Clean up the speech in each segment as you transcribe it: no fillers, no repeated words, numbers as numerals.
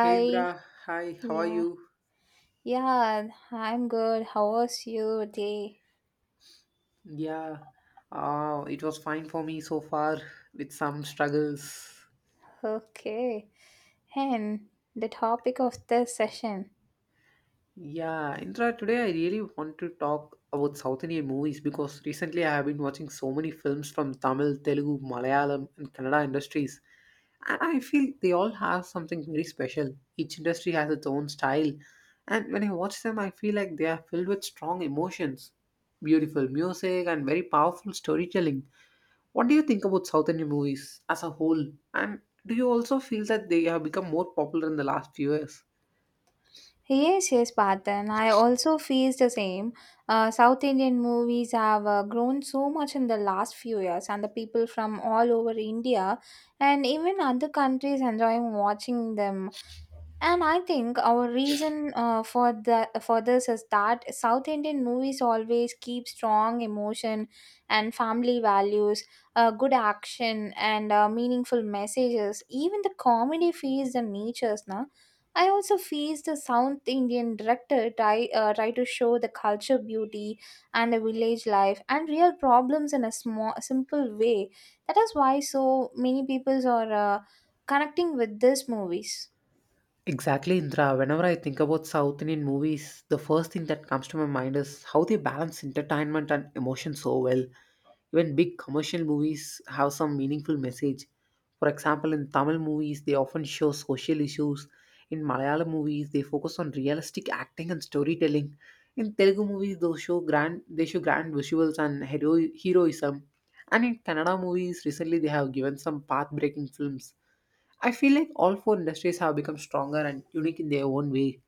Hey Indra, hi, how are Yeah. you? Yeah, I'm good. How was your day? Yeah, it was fine for me so far with some struggles. Okay. And the topic of this session. Yeah, Indra, today I really want to talk about South Indian movies because recently I have been watching so many films from Tamil, Telugu, Malayalam, and Kannada industries. And I feel they all have something very special. Each industry has its own style. And when I watch them, I feel like they are filled with strong emotions, beautiful music, and very powerful storytelling. What do you think about South Indian movies as a whole? And do you also feel that they have become more popular in the last few years? Yes, yes, Patan. I also face the same. South Indian movies have grown so much in the last few years, and the people from all over India and even other countries enjoying watching them. And I think our reason for this is that South Indian movies always keep strong emotion and family values, good action and meaningful messages. Even the comedy feels the natures, na. I also feel the South Indian director try to show the culture beauty and the village life and real problems in a small simple way. That is why so many peoples are connecting with these movies. Exactly, Indra. Whenever I think about South Indian movies, the first thing that comes to my mind is how they balance entertainment and emotion so well. Even big commercial movies have some meaningful message. For example, in Tamil movies, they often show social issues. In Malayalam movies, they focus on realistic acting and storytelling. In Telugu movies, they show grand visuals and hero, heroism. And in Kannada movies, recently they have given some path-breaking films. I feel like all four industries have become stronger and unique in their own way.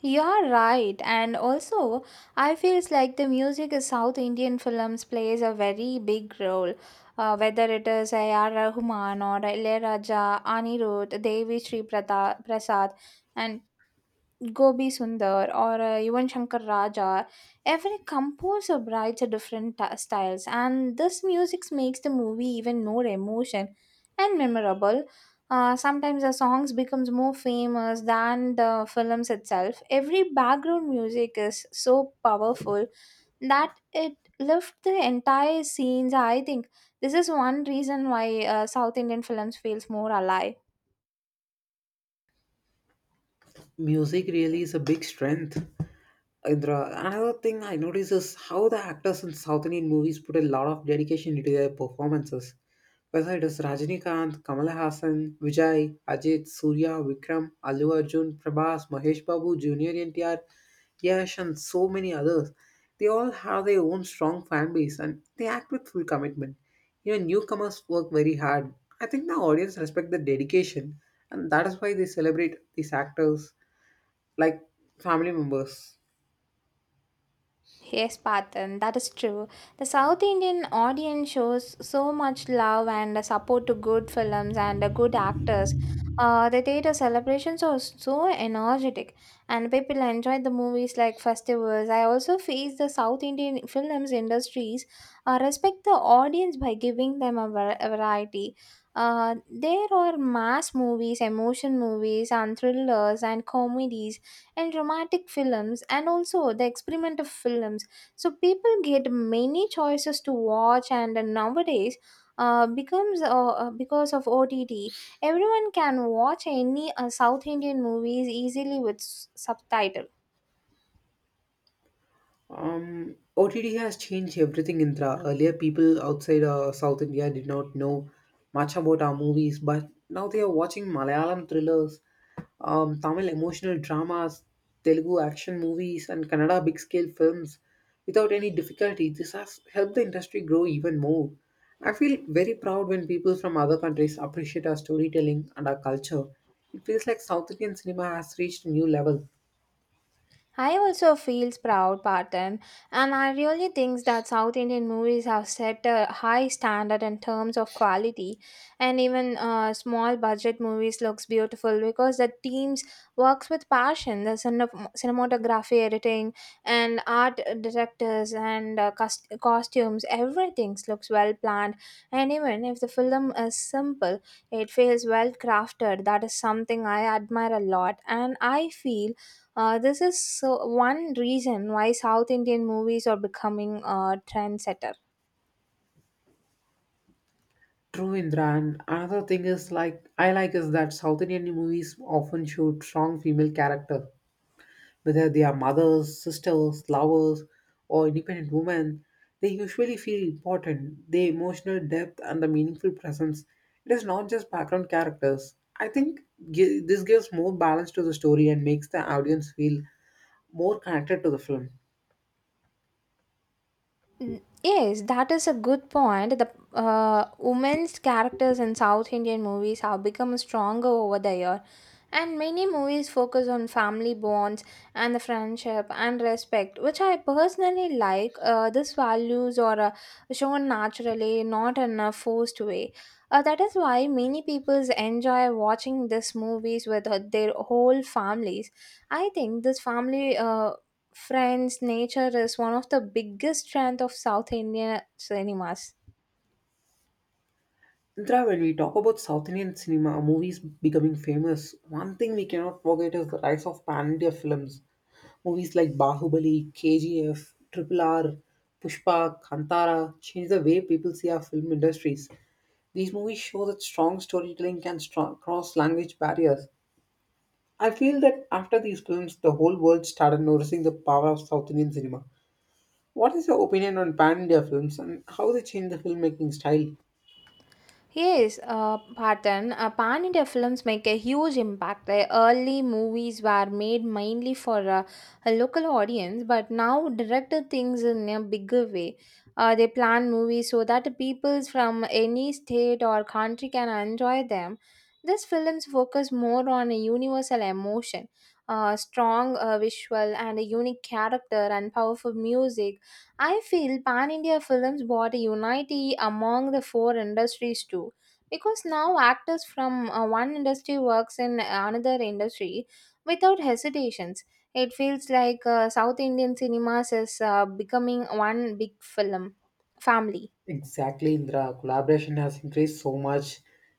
You're right, and also I feels like the music in South Indian films plays a very big role. Whether it is A.R. Rahman or Ilaiyaraaja, Anirudh, Prasad, and Gobi Sundar or even Shankar Raja, every composer writes a different styles, and this music makes the movie even more emotion and memorable. Sometimes the songs becomes more famous than the films itself. Every background music is so powerful that it lifts the entire scenes. I think this is one reason why South Indian films feels more alive. Music really is a big strength. Indra, another thing I notice is how the actors in South Indian movies put a lot of dedication into their performances. Whether it is Rajinikanth, Kamala Hassan, Vijay, Ajit, Surya, Vikram, Allu Arjun, Prabhas, Mahesh Babu, Junior NTR, Yash, and so many others, they all have their own strong fan base and they act with full commitment. Even newcomers work very hard. I think the audience respect the dedication, and that is why they celebrate these actors like family members. Yes, Patan, that is true. The South Indian audience shows so much love and support to good films and good actors. The theater celebrations are so energetic, and people enjoy the movies like festivals. I also feel the South Indian films industries respect the audience by giving them a variety. There are mass movies, emotion movies, and thrillers and comedies and romantic films and also the experimental films, so people get many choices to watch, and nowadays becomes because of ott everyone can watch any south indian movies easily with subtitles. OTT has changed everything, Indra. Earlier, people outside South India did not know much about our movies, but now they are watching Malayalam thrillers, Tamil emotional dramas, Telugu action movies, and Kannada big scale films without any difficulty. This has helped the industry grow even more. I feel very proud when people from other countries appreciate our storytelling and our culture. It feels like South Indian cinema has reached a new level. I also feel proud about them, and I really think that South Indian movies have set a high standard in terms of quality, and even small budget movies looks beautiful because the teams works with passion. The cinematography, editing, and art directors, and costumes, everything looks well planned. And even if the film is simple, it feels well crafted. That is something I admire a lot, and I feel this is so one reason why South Indian movies are becoming a trendsetter. True, Indra. And another thing is like I like is that South Indian movies often show strong female character, whether they are mothers, sisters, lovers, or independent women. They usually feel important. The emotional depth and the meaningful presence. It is not just background characters. I think this gives more balance to the story and makes the audience feel more connected to the film. Mm, yes, that is a good point. The women's characters in South Indian movies have become stronger over the year, and many movies focus on family bonds and the friendship and respect, which I personally like. These values are shown naturally, not in a forced way. That is why many people enjoy watching these movies with their whole families. I think this family. Friends, nature is one of the biggest strengths of South Indian cinemas. Indra, when we talk about South Indian cinema, movies becoming famous, one thing we cannot forget is the rise of pan India films. Movies like Bahubali, KGF, Triple R, Pushpa, Kantara changed the way people see our film industries. These movies show that strong storytelling can strong, cross language barriers. I feel that after these films, the whole world started noticing the power of South Indian cinema. What is your opinion on pan India films and how they change the filmmaking style? Yes, Patan, Pan India films make a huge impact. The early movies were made mainly for a local audience, but now director things in a bigger way. They plan movies so that people from any state or country can enjoy them. These films focus more on a universal emotion, strong visual, and a unique character and powerful music. I feel Pan India films brought a unity among the four industries too. Because now actors from one industry works in another industry without hesitations. It feels like South Indian cinemas is becoming one big film family. Exactly, Indra. Collaboration has increased so much.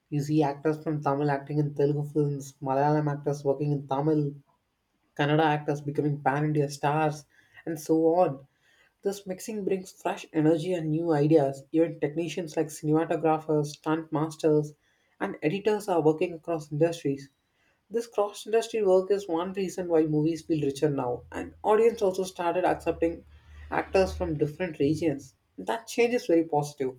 You see actors from Tamil acting in Telugu films, Malayalam actors working in Tamil, Kannada actors becoming pan India stars, and so on. This mixing brings fresh energy and new ideas. Even technicians like cinematographers, stunt masters, and editors are working across industries. This cross industry work is one reason why movies feel richer now, and audience also started accepting actors from different regions. That change is very positive.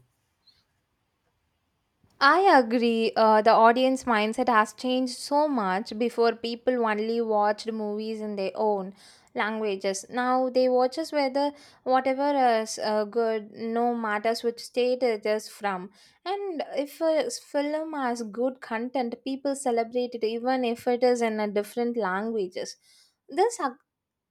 I agree. The audience mindset has changed so much. Before, people only watched movies in their own languages. Now they watch us whether whatever is good, no matters which state it is from. And if a film has good content, people celebrate it even if it is in a different languages. This ac-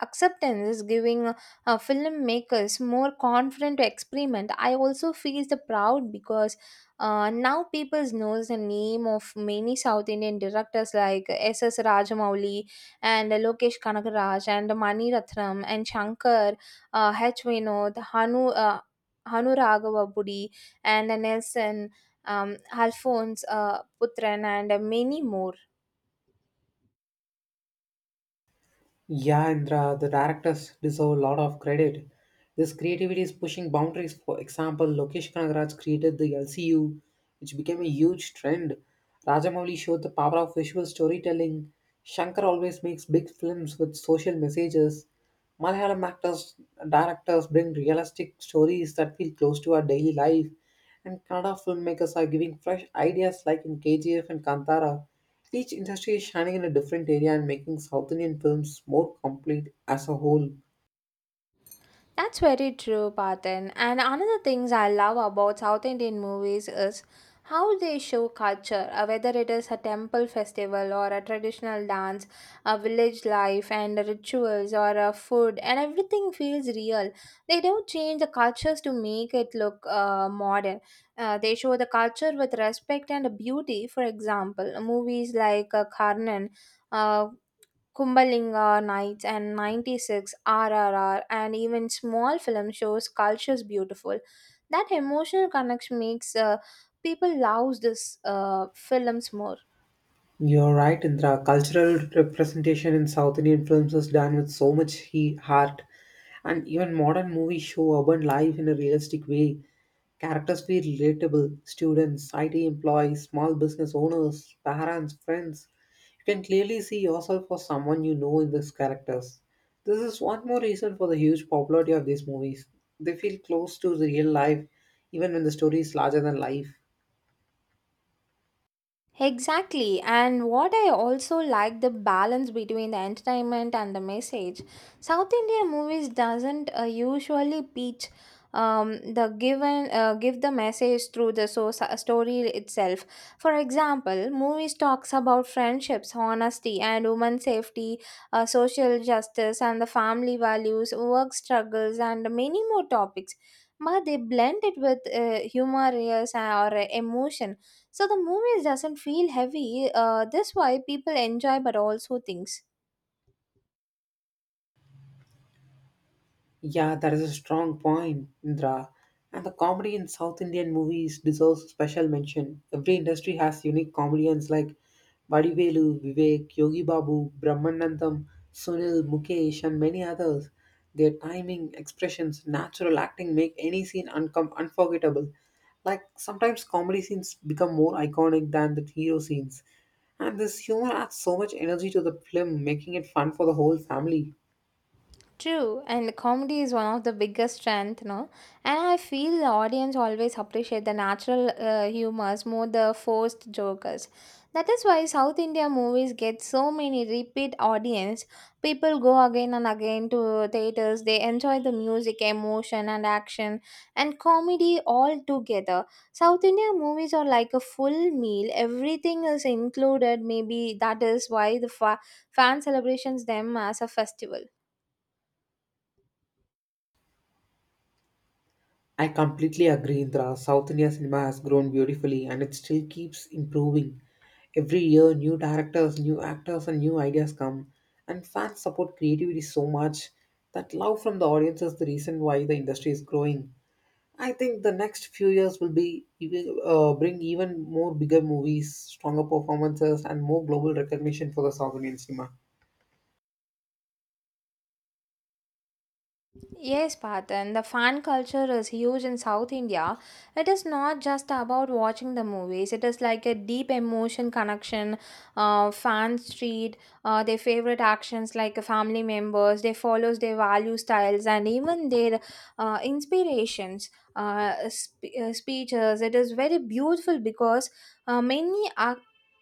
Acceptance is giving filmmakers more confident to experiment. I also feel the proud because now people knows the name of many south indian directors like S. S. rajamouli and lokesh kanagaraj and mani ratnam and shankar, h vinod hanu raghava budi and nelson, um, alphonse putran and many more. Yeah, Indra, the directors deserve a lot of credit. This creativity is pushing boundaries. For example, Lokesh Kanagaraj created the LCU, which became a huge trend. Rajamouli showed the power of visual storytelling. Shankar always makes big films with social messages. Malayalam actors, directors bring realistic stories that feel close to our daily life, and Kannada filmmakers are giving fresh ideas like in KGF and Kantara. Each industry is shining in a different area and making South Indian films more complete as a whole. That's very true, Patan. And another things I love about South Indian movies is how they show culture, whether it is a temple festival or a traditional dance, a village life and rituals or a food, and everything feels real. They don't change the cultures to make it look modern. They show the culture with respect and beauty. For example, movies like Karnan. Uh, Kumbalinga Nights and 96, RRR, and even small film shows cultures beautiful. That emotional connection makes people love this films more. You're right, Indra. Cultural representation in South Indian films is done with so much heart, and even modern movies show urban life in a realistic way. Characters feel relatable: students, IT employees, small business owners, parents, friends. You can clearly see yourself or someone you know in these characters. This is one more reason for the huge popularity of these movies. They feel close to the real life, even when the story is larger than life. Exactly, and what I also like the balance between the entertainment and the message. South Indian movies doesn't usually preach. Um, the given Give the message through the story itself. For example, movies talks about friendships, honesty, and women safety, social justice, and the family values, work struggles, and many more topics. But they blend it with humor, yes, or emotion, so the movie doesn't feel heavy. This why people enjoy, but also things. Yeah, that is a strong point, Indra. And the comedy in South Indian movies deserves special mention. Every industry has unique comedians like Vadivelu, Vivek, Yogi Babu, Brahmanandam, Sunil, Mukesh, and many others. Their timing, expressions, natural acting make any scene unforgettable. Like sometimes comedy scenes become more iconic than the hero scenes. And this humor adds so much energy to the film, making it fun for the whole family. True, and comedy is one of the biggest strength, no? And I feel the audience always appreciate the natural humors more the forced jokers. That is why South India movies get so many repeat audience. People go again and again to theaters. They enjoy the music, emotion, and action, and comedy all together. South India movies are like a full meal. Everything is included. Maybe that is why the fan celebrations them as a festival. I completely agree, Indra. South India cinema has grown beautifully and it still keeps improving. Every year, new directors, new actors, and new ideas come, and fans support creativity so much that love from the audience is the reason why the industry is growing. I think the next few years will bring even more bigger movies, stronger performances, and more global recognition for the South Indian cinema. Yes, Patan, the fan culture is huge in South India. It is not just about watching the movies, it is like a deep emotion connection. Fans treat their favorite actions like family members, they follow their value styles, and even their inspirations. Speeches it is very beautiful because many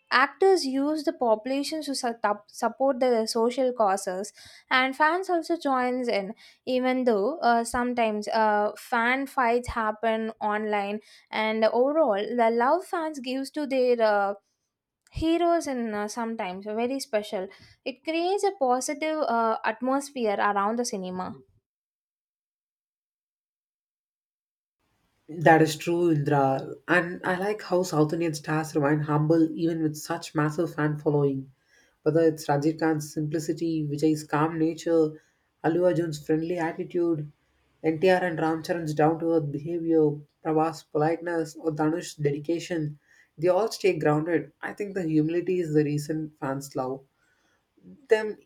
actors use the population to support the social causes, and fans also joins in, even though sometimes fan fights happen online, and overall the love fans gives to their heroes and sometimes very special, it creates a positive atmosphere around the cinema. That is true, Indra. And I like how South Indian stars remain humble even with such massive fan following. Whether it's Rajiv Khan's simplicity, Vijay's calm nature, Allu Arjun's friendly attitude, NTR and Ram Charan's down-to-earth behavior, Prabhas' politeness, or Dhanush's dedication, they all stay grounded. I think the humility is the reason fans them,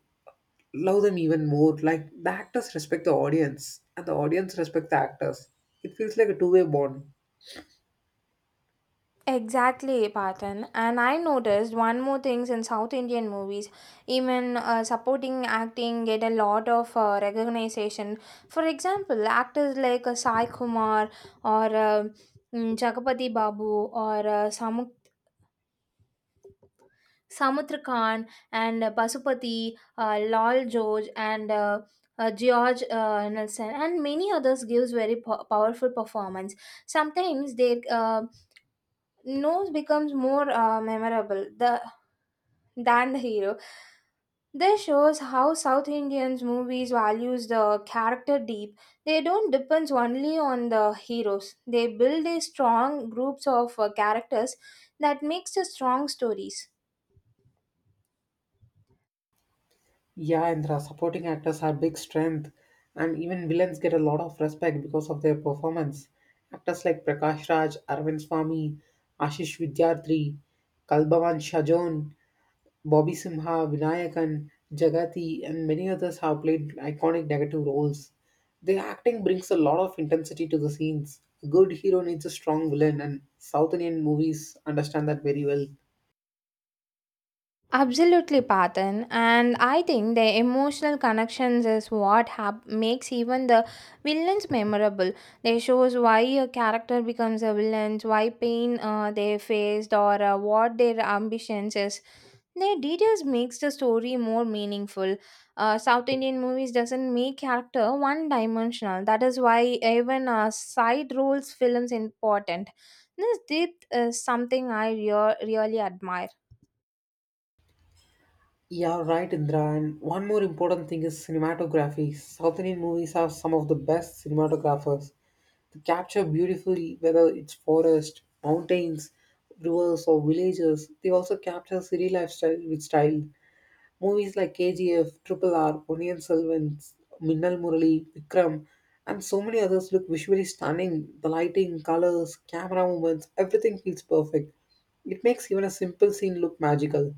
love them even more. Like the actors respect the audience, and the audience respect the actors. It feels like a two-way bond. Exactly, Patan. And I noticed one more things in South Indian movies, even supporting acting get a lot of recognition. For example, actors like Sai Kumar or Chakapati Babu or Samudra Khan and Pasupati, Lal George and George Nelson and many others gives very powerful performance. Sometimes their nose becomes more memorable than the hero. This shows how South Indians movies values the character deep. They don't depend only on the heroes. They build a strong groups of characters that makes the strong stories. Yeah, and the supporting actors are big strength, and even villains get a lot of respect because of their performance. Actors like Prakash Raj, Arvind Swamy, Ashish Vidyarthi, Kalbavan Shajon, Bobby Simha, Vinayakan, Jagati, and many others have played iconic negative roles. Their acting brings a lot of intensity to the scenes. A good hero needs a strong villain, and South Indian movies understand that very well. Absolutely, Patan. And I think the emotional connections is what makes even the villains memorable. They shows why a character becomes a villain, why pain they faced, or what their ambitions is. Their details makes the story more meaningful. South Indian movies doesn't make character one dimensional. That is why even side roles films important. This depth is something I really admire. Yeah, right, Indra. And one more important thing is cinematography. South Indian movies have some of the best cinematographers. They capture beautifully whether it's forest, mountains, rivers, or villages. They also capture city lifestyle with style. Movies like KGF, Triple R, Onion Selvan, Minnal Murali, Vikram, and so many others look visually stunning. The lighting, colors, camera movements, everything feels perfect. It makes even a simple scene look magical.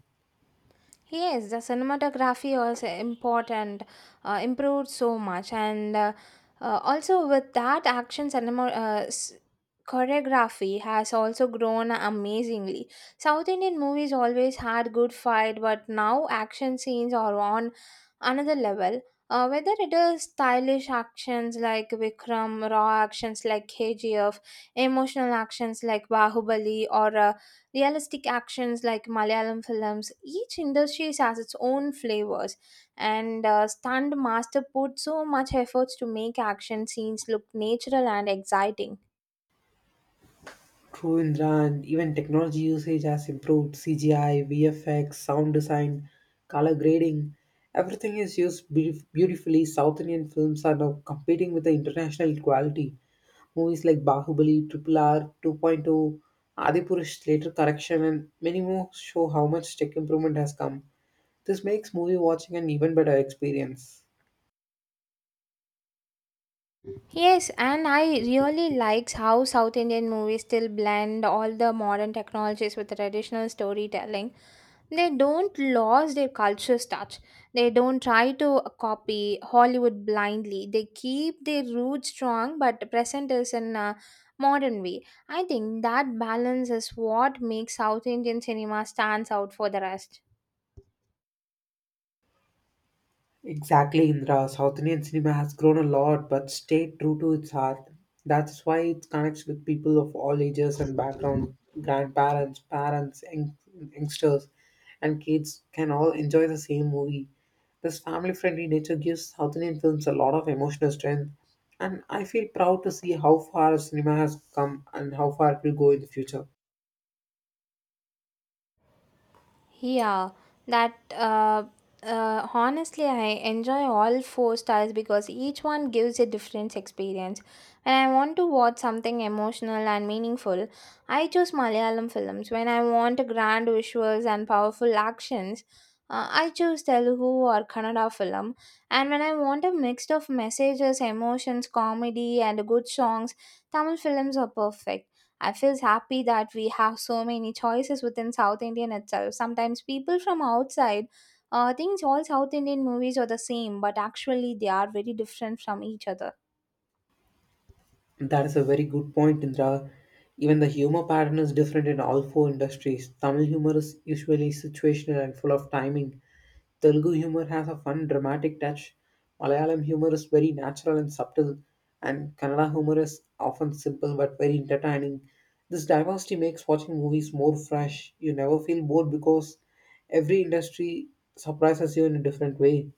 Yes, the cinematography also important, improved so much, and also with that action cinema choreography has also grown amazingly. South Indian movies always had good fight, but now action scenes are on another level. Whether it is stylish actions like Vikram, raw actions like KGF, emotional actions like Bahubali, or realistic actions like Malayalam films. Each industry has its own flavors, and stunt master put so much efforts to make action scenes look natural and exciting. True, Indran. Even technology usage has improved. CGI, VFX, sound design, color grading, everything is used beautifully. South Indian films are now competing with the international quality. Movies like Bahubali, Triple R, 2.0, Point oh, Adipurush, Later Correction, and many more show how much tech improvement has come. This makes movie watching an even better experience. Yes, and I really likes how South Indian movies still blend all the modern technologies with traditional storytelling. They don't lose their culture's touch. They don't try to copy Hollywood blindly. They keep their roots strong but present us in a modern way. I think that balance is what makes South Indian cinema stands out for the rest. Exactly, Indra. South Indian cinema has grown a lot but stayed true to its heart. That's why it connects with people of all ages and backgrounds. Grandparents, parents, youngsters, and kids can all enjoy the same movie. This family friendly nature gives South Indian films a lot of emotional strength, and I feel proud to see how far cinema has come and how far it will go in the future. Yeah, that honestly, I enjoy all four styles because each one gives a different experience. When I want to watch something emotional and meaningful, I choose Malayalam films. When I want grand visuals and powerful actions, I choose Telugu or Kannada film. And when I want a mix of messages, emotions, comedy, and good songs, Tamil films are perfect. I feel happy that we have so many choices within South Indian itself. Sometimes people from outside thinks all South Indian movies are the same, but actually they are very different from each other. That is a very good point, Indra. Even the humor pattern is different in all four industries. Tamil humor is usually situational and full of timing. Telugu humor has a fun, dramatic touch. Malayalam humor is very natural and subtle, and Kannada humor is often simple but very entertaining. This diversity makes watching movies more fresh. You never feel bored because every industry surprises you in a different way.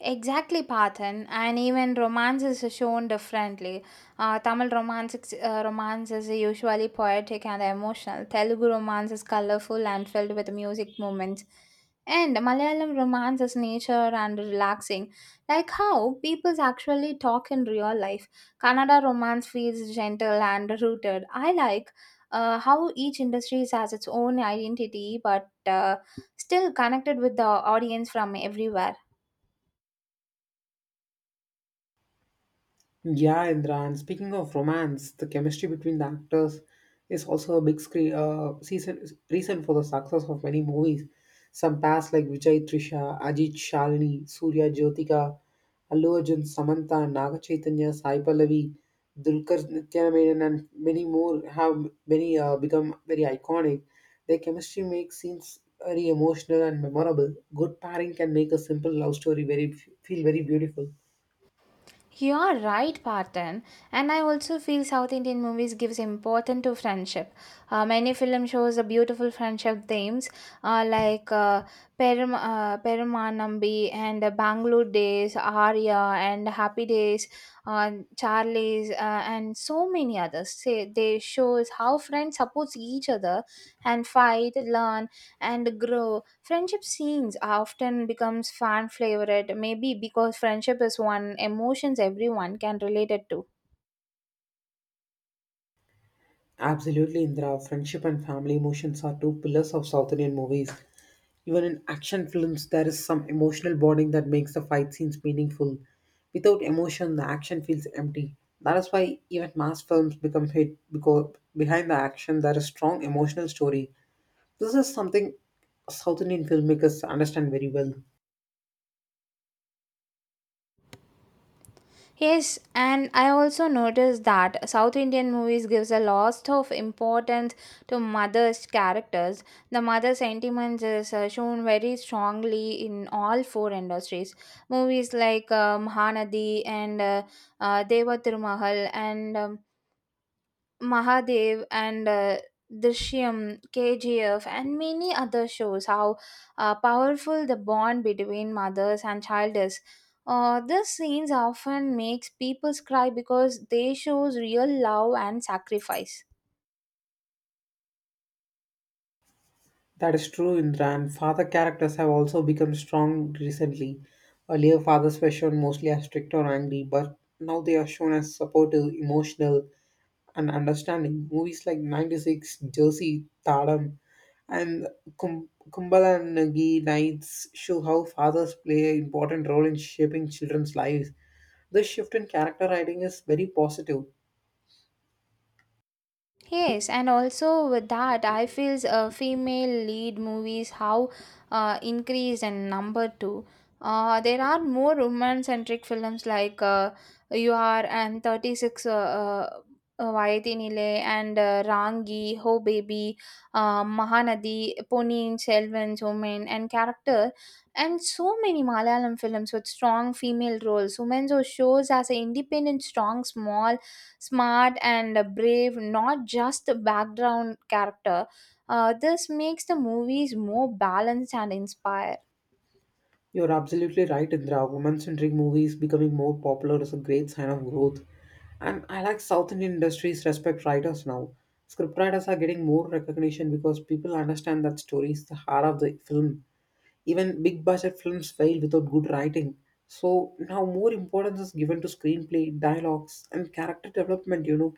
Exactly, Pathan, and even romance is shown differently. Tamil romance, romance is usually poetic and emotional. Telugu romance is colorful and filled with music moments. And Malayalam romance is nature and relaxing, like how people actually talk in real life. Kannada romance feels gentle and rooted. I like how each industry has its own identity, but still connected with the audience from everywhere. Yeah, Indra. And speaking of romance, the chemistry between the actors is also a big screen, season, reason for the success of many movies. Some past like Vijay Trisha, Ajit Shalini, Surya Jyotika, Allu Arjun, Samantha, Naga Chaitanya, Sai Pallavi, Dulkar Nityanamayan, and many more have many become very iconic. Their chemistry makes scenes very emotional and memorable. Good pairing can make a simple love story very feel very beautiful. You are right, Parthen. And I also feel South Indian movies gives importance to friendship. Many film shows a beautiful friendship themes like Perumanambi and Bangalore Days, Arya and Happy Days, uh, Charlie's and so many others. Say they shows how friends support each other and fight, learn and grow. Friendship scenes often becomes fan favorite, maybe because friendship is one emotions everyone can relate it to. Absolutely, Indra. Friendship and family emotions are two pillars of South Indian movies. Even in action films, there is some emotional bonding that makes the fight scenes meaningful. Without emotion, the action feels empty. That is why even mass films become hit because behind the action there is strong emotional story. This is something South Indian filmmakers understand very well. Yes, and I also noticed that South Indian movies gives a lot of importance to mother's characters. The mother sentiments is shown very strongly in all four industries. Movies like Mahanadi and Deva Tirumahal and Mahadev and Drishyam, KGF, and many other shows how powerful the bond between mothers and child is. These scenes often makes people cry because they shows real love and sacrifice. That is true, Indra, and father characters have also become strong recently. Earlier, fathers were shown mostly as strict or angry, but now they are shown as supportive, emotional, and understanding. Movies like 96, Jersey, Tadam, and Kumbala Nagi Nights show how fathers play an important role in shaping children's lives. This shift in character writing is very positive. Yes, and also with that, I feel female lead movies how, increased in number too. There are more woman centric films like You Are and 36 Vayatinile and Rangi, Ho Baby, Mahanadi, Ponin, Selvan, Women, and Character, and so many Malayalam films with strong female roles. Women shows as an independent, strong, small smart and brave, not just the background character. This makes the movies more balanced and inspired. You're absolutely right, Indra. Woman centric movies becoming more popular is a great sign of growth. And I like South Indian industries respect writers now. Scriptwriters are getting more recognition because people understand that story is the heart of the film. Even big budget films fail without good writing. So now more importance is given to screenplay, dialogues, and character development, you know.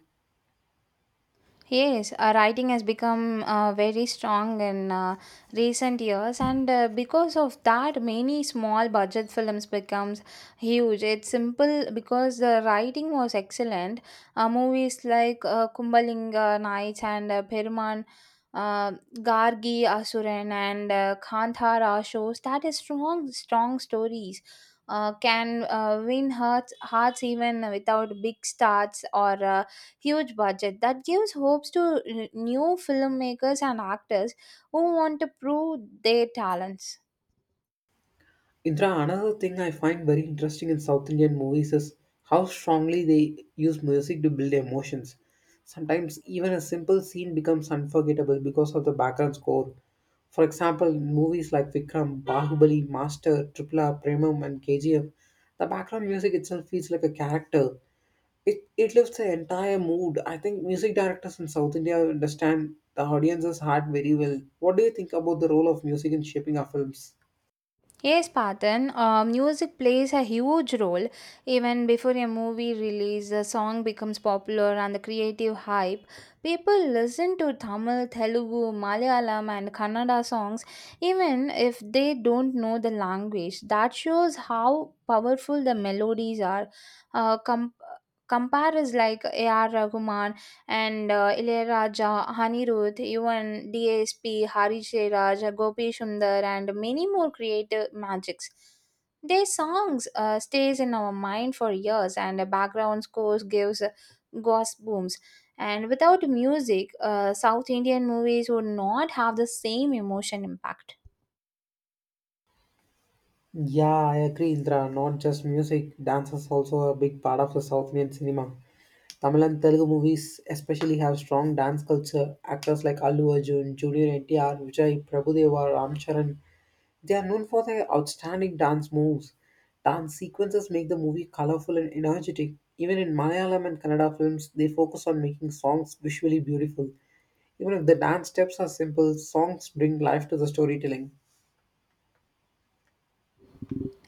Yes, writing has become very strong in recent years, and because of that, many small budget films becomes huge. It's simple because the writing was excellent. Movies like Kumbalinga Nights and Peruman. Uh, Gargi Asuran and Kantara shows that is strong stories can win hearts even without big stars or huge budget that gives hopes to new filmmakers and actors who want to prove their talents. Indra, another thing I find very interesting in South Indian movies is how strongly they use music to build emotions. Sometimes even a simple scene becomes unforgettable because of the background score. For example, in movies like Vikram, Bahubali, Master, Triple R, Premam, and KGF, the background music itself feels like a character. It lifts the entire mood. I think music directors in South India understand the audience's heart very well. What do you think about the role of music in shaping our films? Yes, Patan, music plays a huge role. Even before a movie release, the song becomes popular and the creative hype. People listen to Tamil, Telugu, Malayalam, and Kannada songs even if they don't know the language. That shows how powerful the melodies are. Uh, com- Compare is like A.R. Rahman and Ilayaraja, Anirudh, even DSP, Hari Jairaj, Gopi Sundar, and many more creative magics. Their songs stays in our mind for years, and the background scores gives goosebumps. And without music, South Indian movies would not have the same emotion impact. Yeah, I agree, Indra. Not just music, dance is also a big part of the South Indian cinema. Tamil and Telugu movies especially have strong dance culture. Actors like Allu Arjun, Junior NTR, Vijay Prabhudeva, Ram Charan, they are known for their outstanding dance moves. Dance sequences make the movie colorful and energetic. Even in Malayalam and Kannada films, they focus on making songs visually beautiful. Even if the dance steps are simple, songs bring life to the storytelling.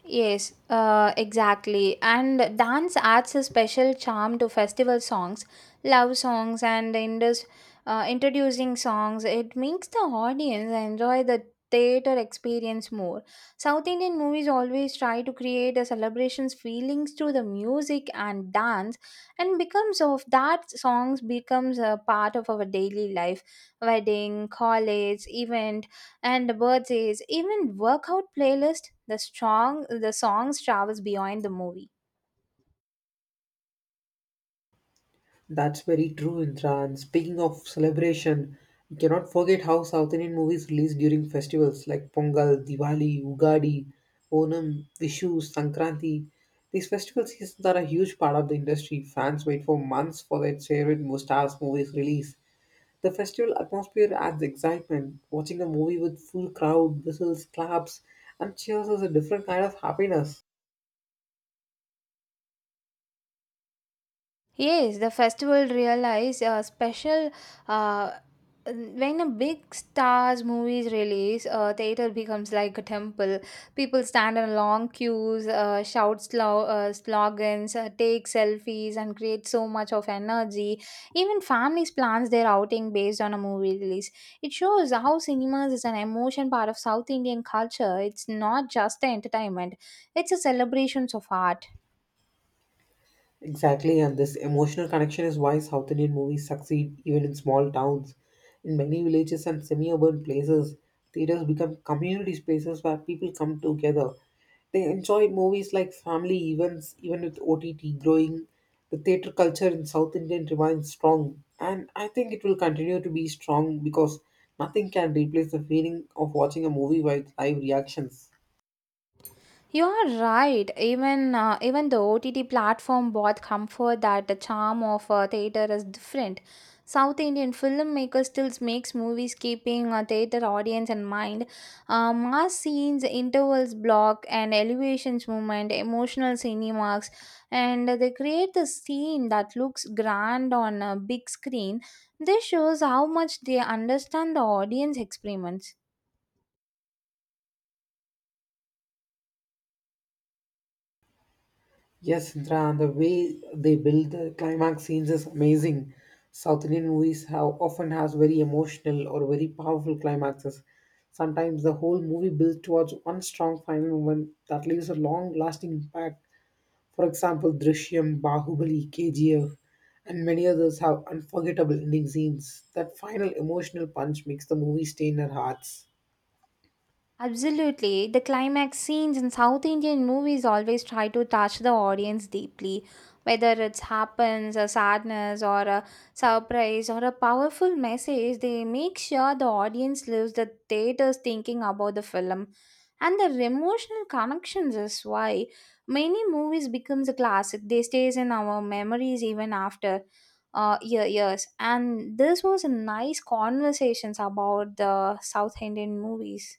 Yes, exactly. And dance adds a special charm to festival songs, love songs, and introducing songs. It makes the audience enjoy the theater experience more. South Indian movies always try to create a celebration's feelings through the music and dance, and becomes of that songs becomes a part of our daily life, wedding, college, events. And the bird says, even workout playlist, the strong the songs travels beyond the movie. That's very true, Intra. And speaking of celebration, we cannot forget how South Indian movies release during festivals like Pongal, Diwali, Ugadi, Onam, Vishu, Sankranti. These festival seasons are a huge part of the industry. Fans wait for months for their favorite stars' movies release. The festival atmosphere adds excitement. Watching a movie with full crowd, whistles, claps, and cheers is a different kind of happiness. Yes, the festival realize a special uh, when a big stars movies release, theater becomes like a temple. People stand in long queues, shout slogans, take selfies, and create so much of energy. Even families plans their outing based on a movie release. It shows how cinemas is an emotion part of South Indian culture. It's not just the entertainment; it's a celebrations of art. Exactly, and this emotional connection is why South Indian movies succeed even in small towns. In many villages and semi urban places, theaters become community spaces where people come together. They enjoy movies like family events, even with OTT growing. The theater culture in South Indian remains strong, and I think it will continue to be strong because nothing can replace the feeling of watching a movie with live reactions. You are right. Even the OTT platform brought comfort that the charm of theater is different. South Indian filmmakers still makes movies keeping a theater audience in mind. Mass scenes, intervals block, and elevations movement, emotional cinemas, and they create the scene that looks grand on a big screen. This shows how much they understand the audience experiments. Yes, Sandra, and the way they build the climax scenes is amazing. South Indian movies have often has very emotional or very powerful climaxes. Sometimes the whole movie builds towards one strong final moment that leaves a long-lasting impact. For example, Drishyam, Bahubali, KGF, and many others have unforgettable ending scenes. That final emotional punch makes the movie stay in our hearts. Absolutely. The climax scenes in South Indian movies always try to touch the audience deeply, whether it happens, a sadness, or a surprise, or a powerful message. They make sure the audience leaves the theaters thinking about the film, and their emotional connections is why many movies becomes a classic. They stays in our memories even after years. And this was a nice conversations about the South Indian movies.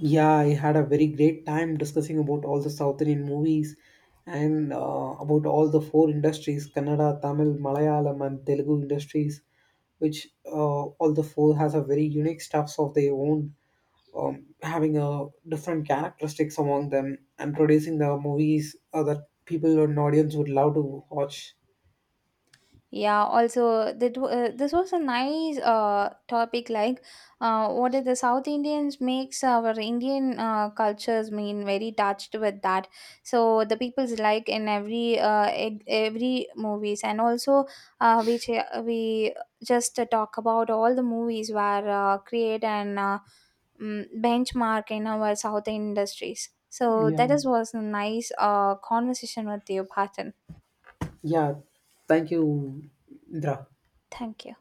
Yeah, I had a very great time discussing about all the South Indian movies and about all the four industries Kannada, Tamil, Malayalam, and Telugu industries, which all the four has a very unique stuffs of their own, having a different characteristics among them and producing the movies that people and audience would love to watch. Yeah, also that this was a nice topic like what did the South Indians makes our Indian cultures mean very touched with that. So the people's like in every every movies and also we just talk about all the movies were create and benchmark in our South industries. So that Yeah, is was a nice conversation with you, Patan. yeah. Thank you, Indra. Thank you.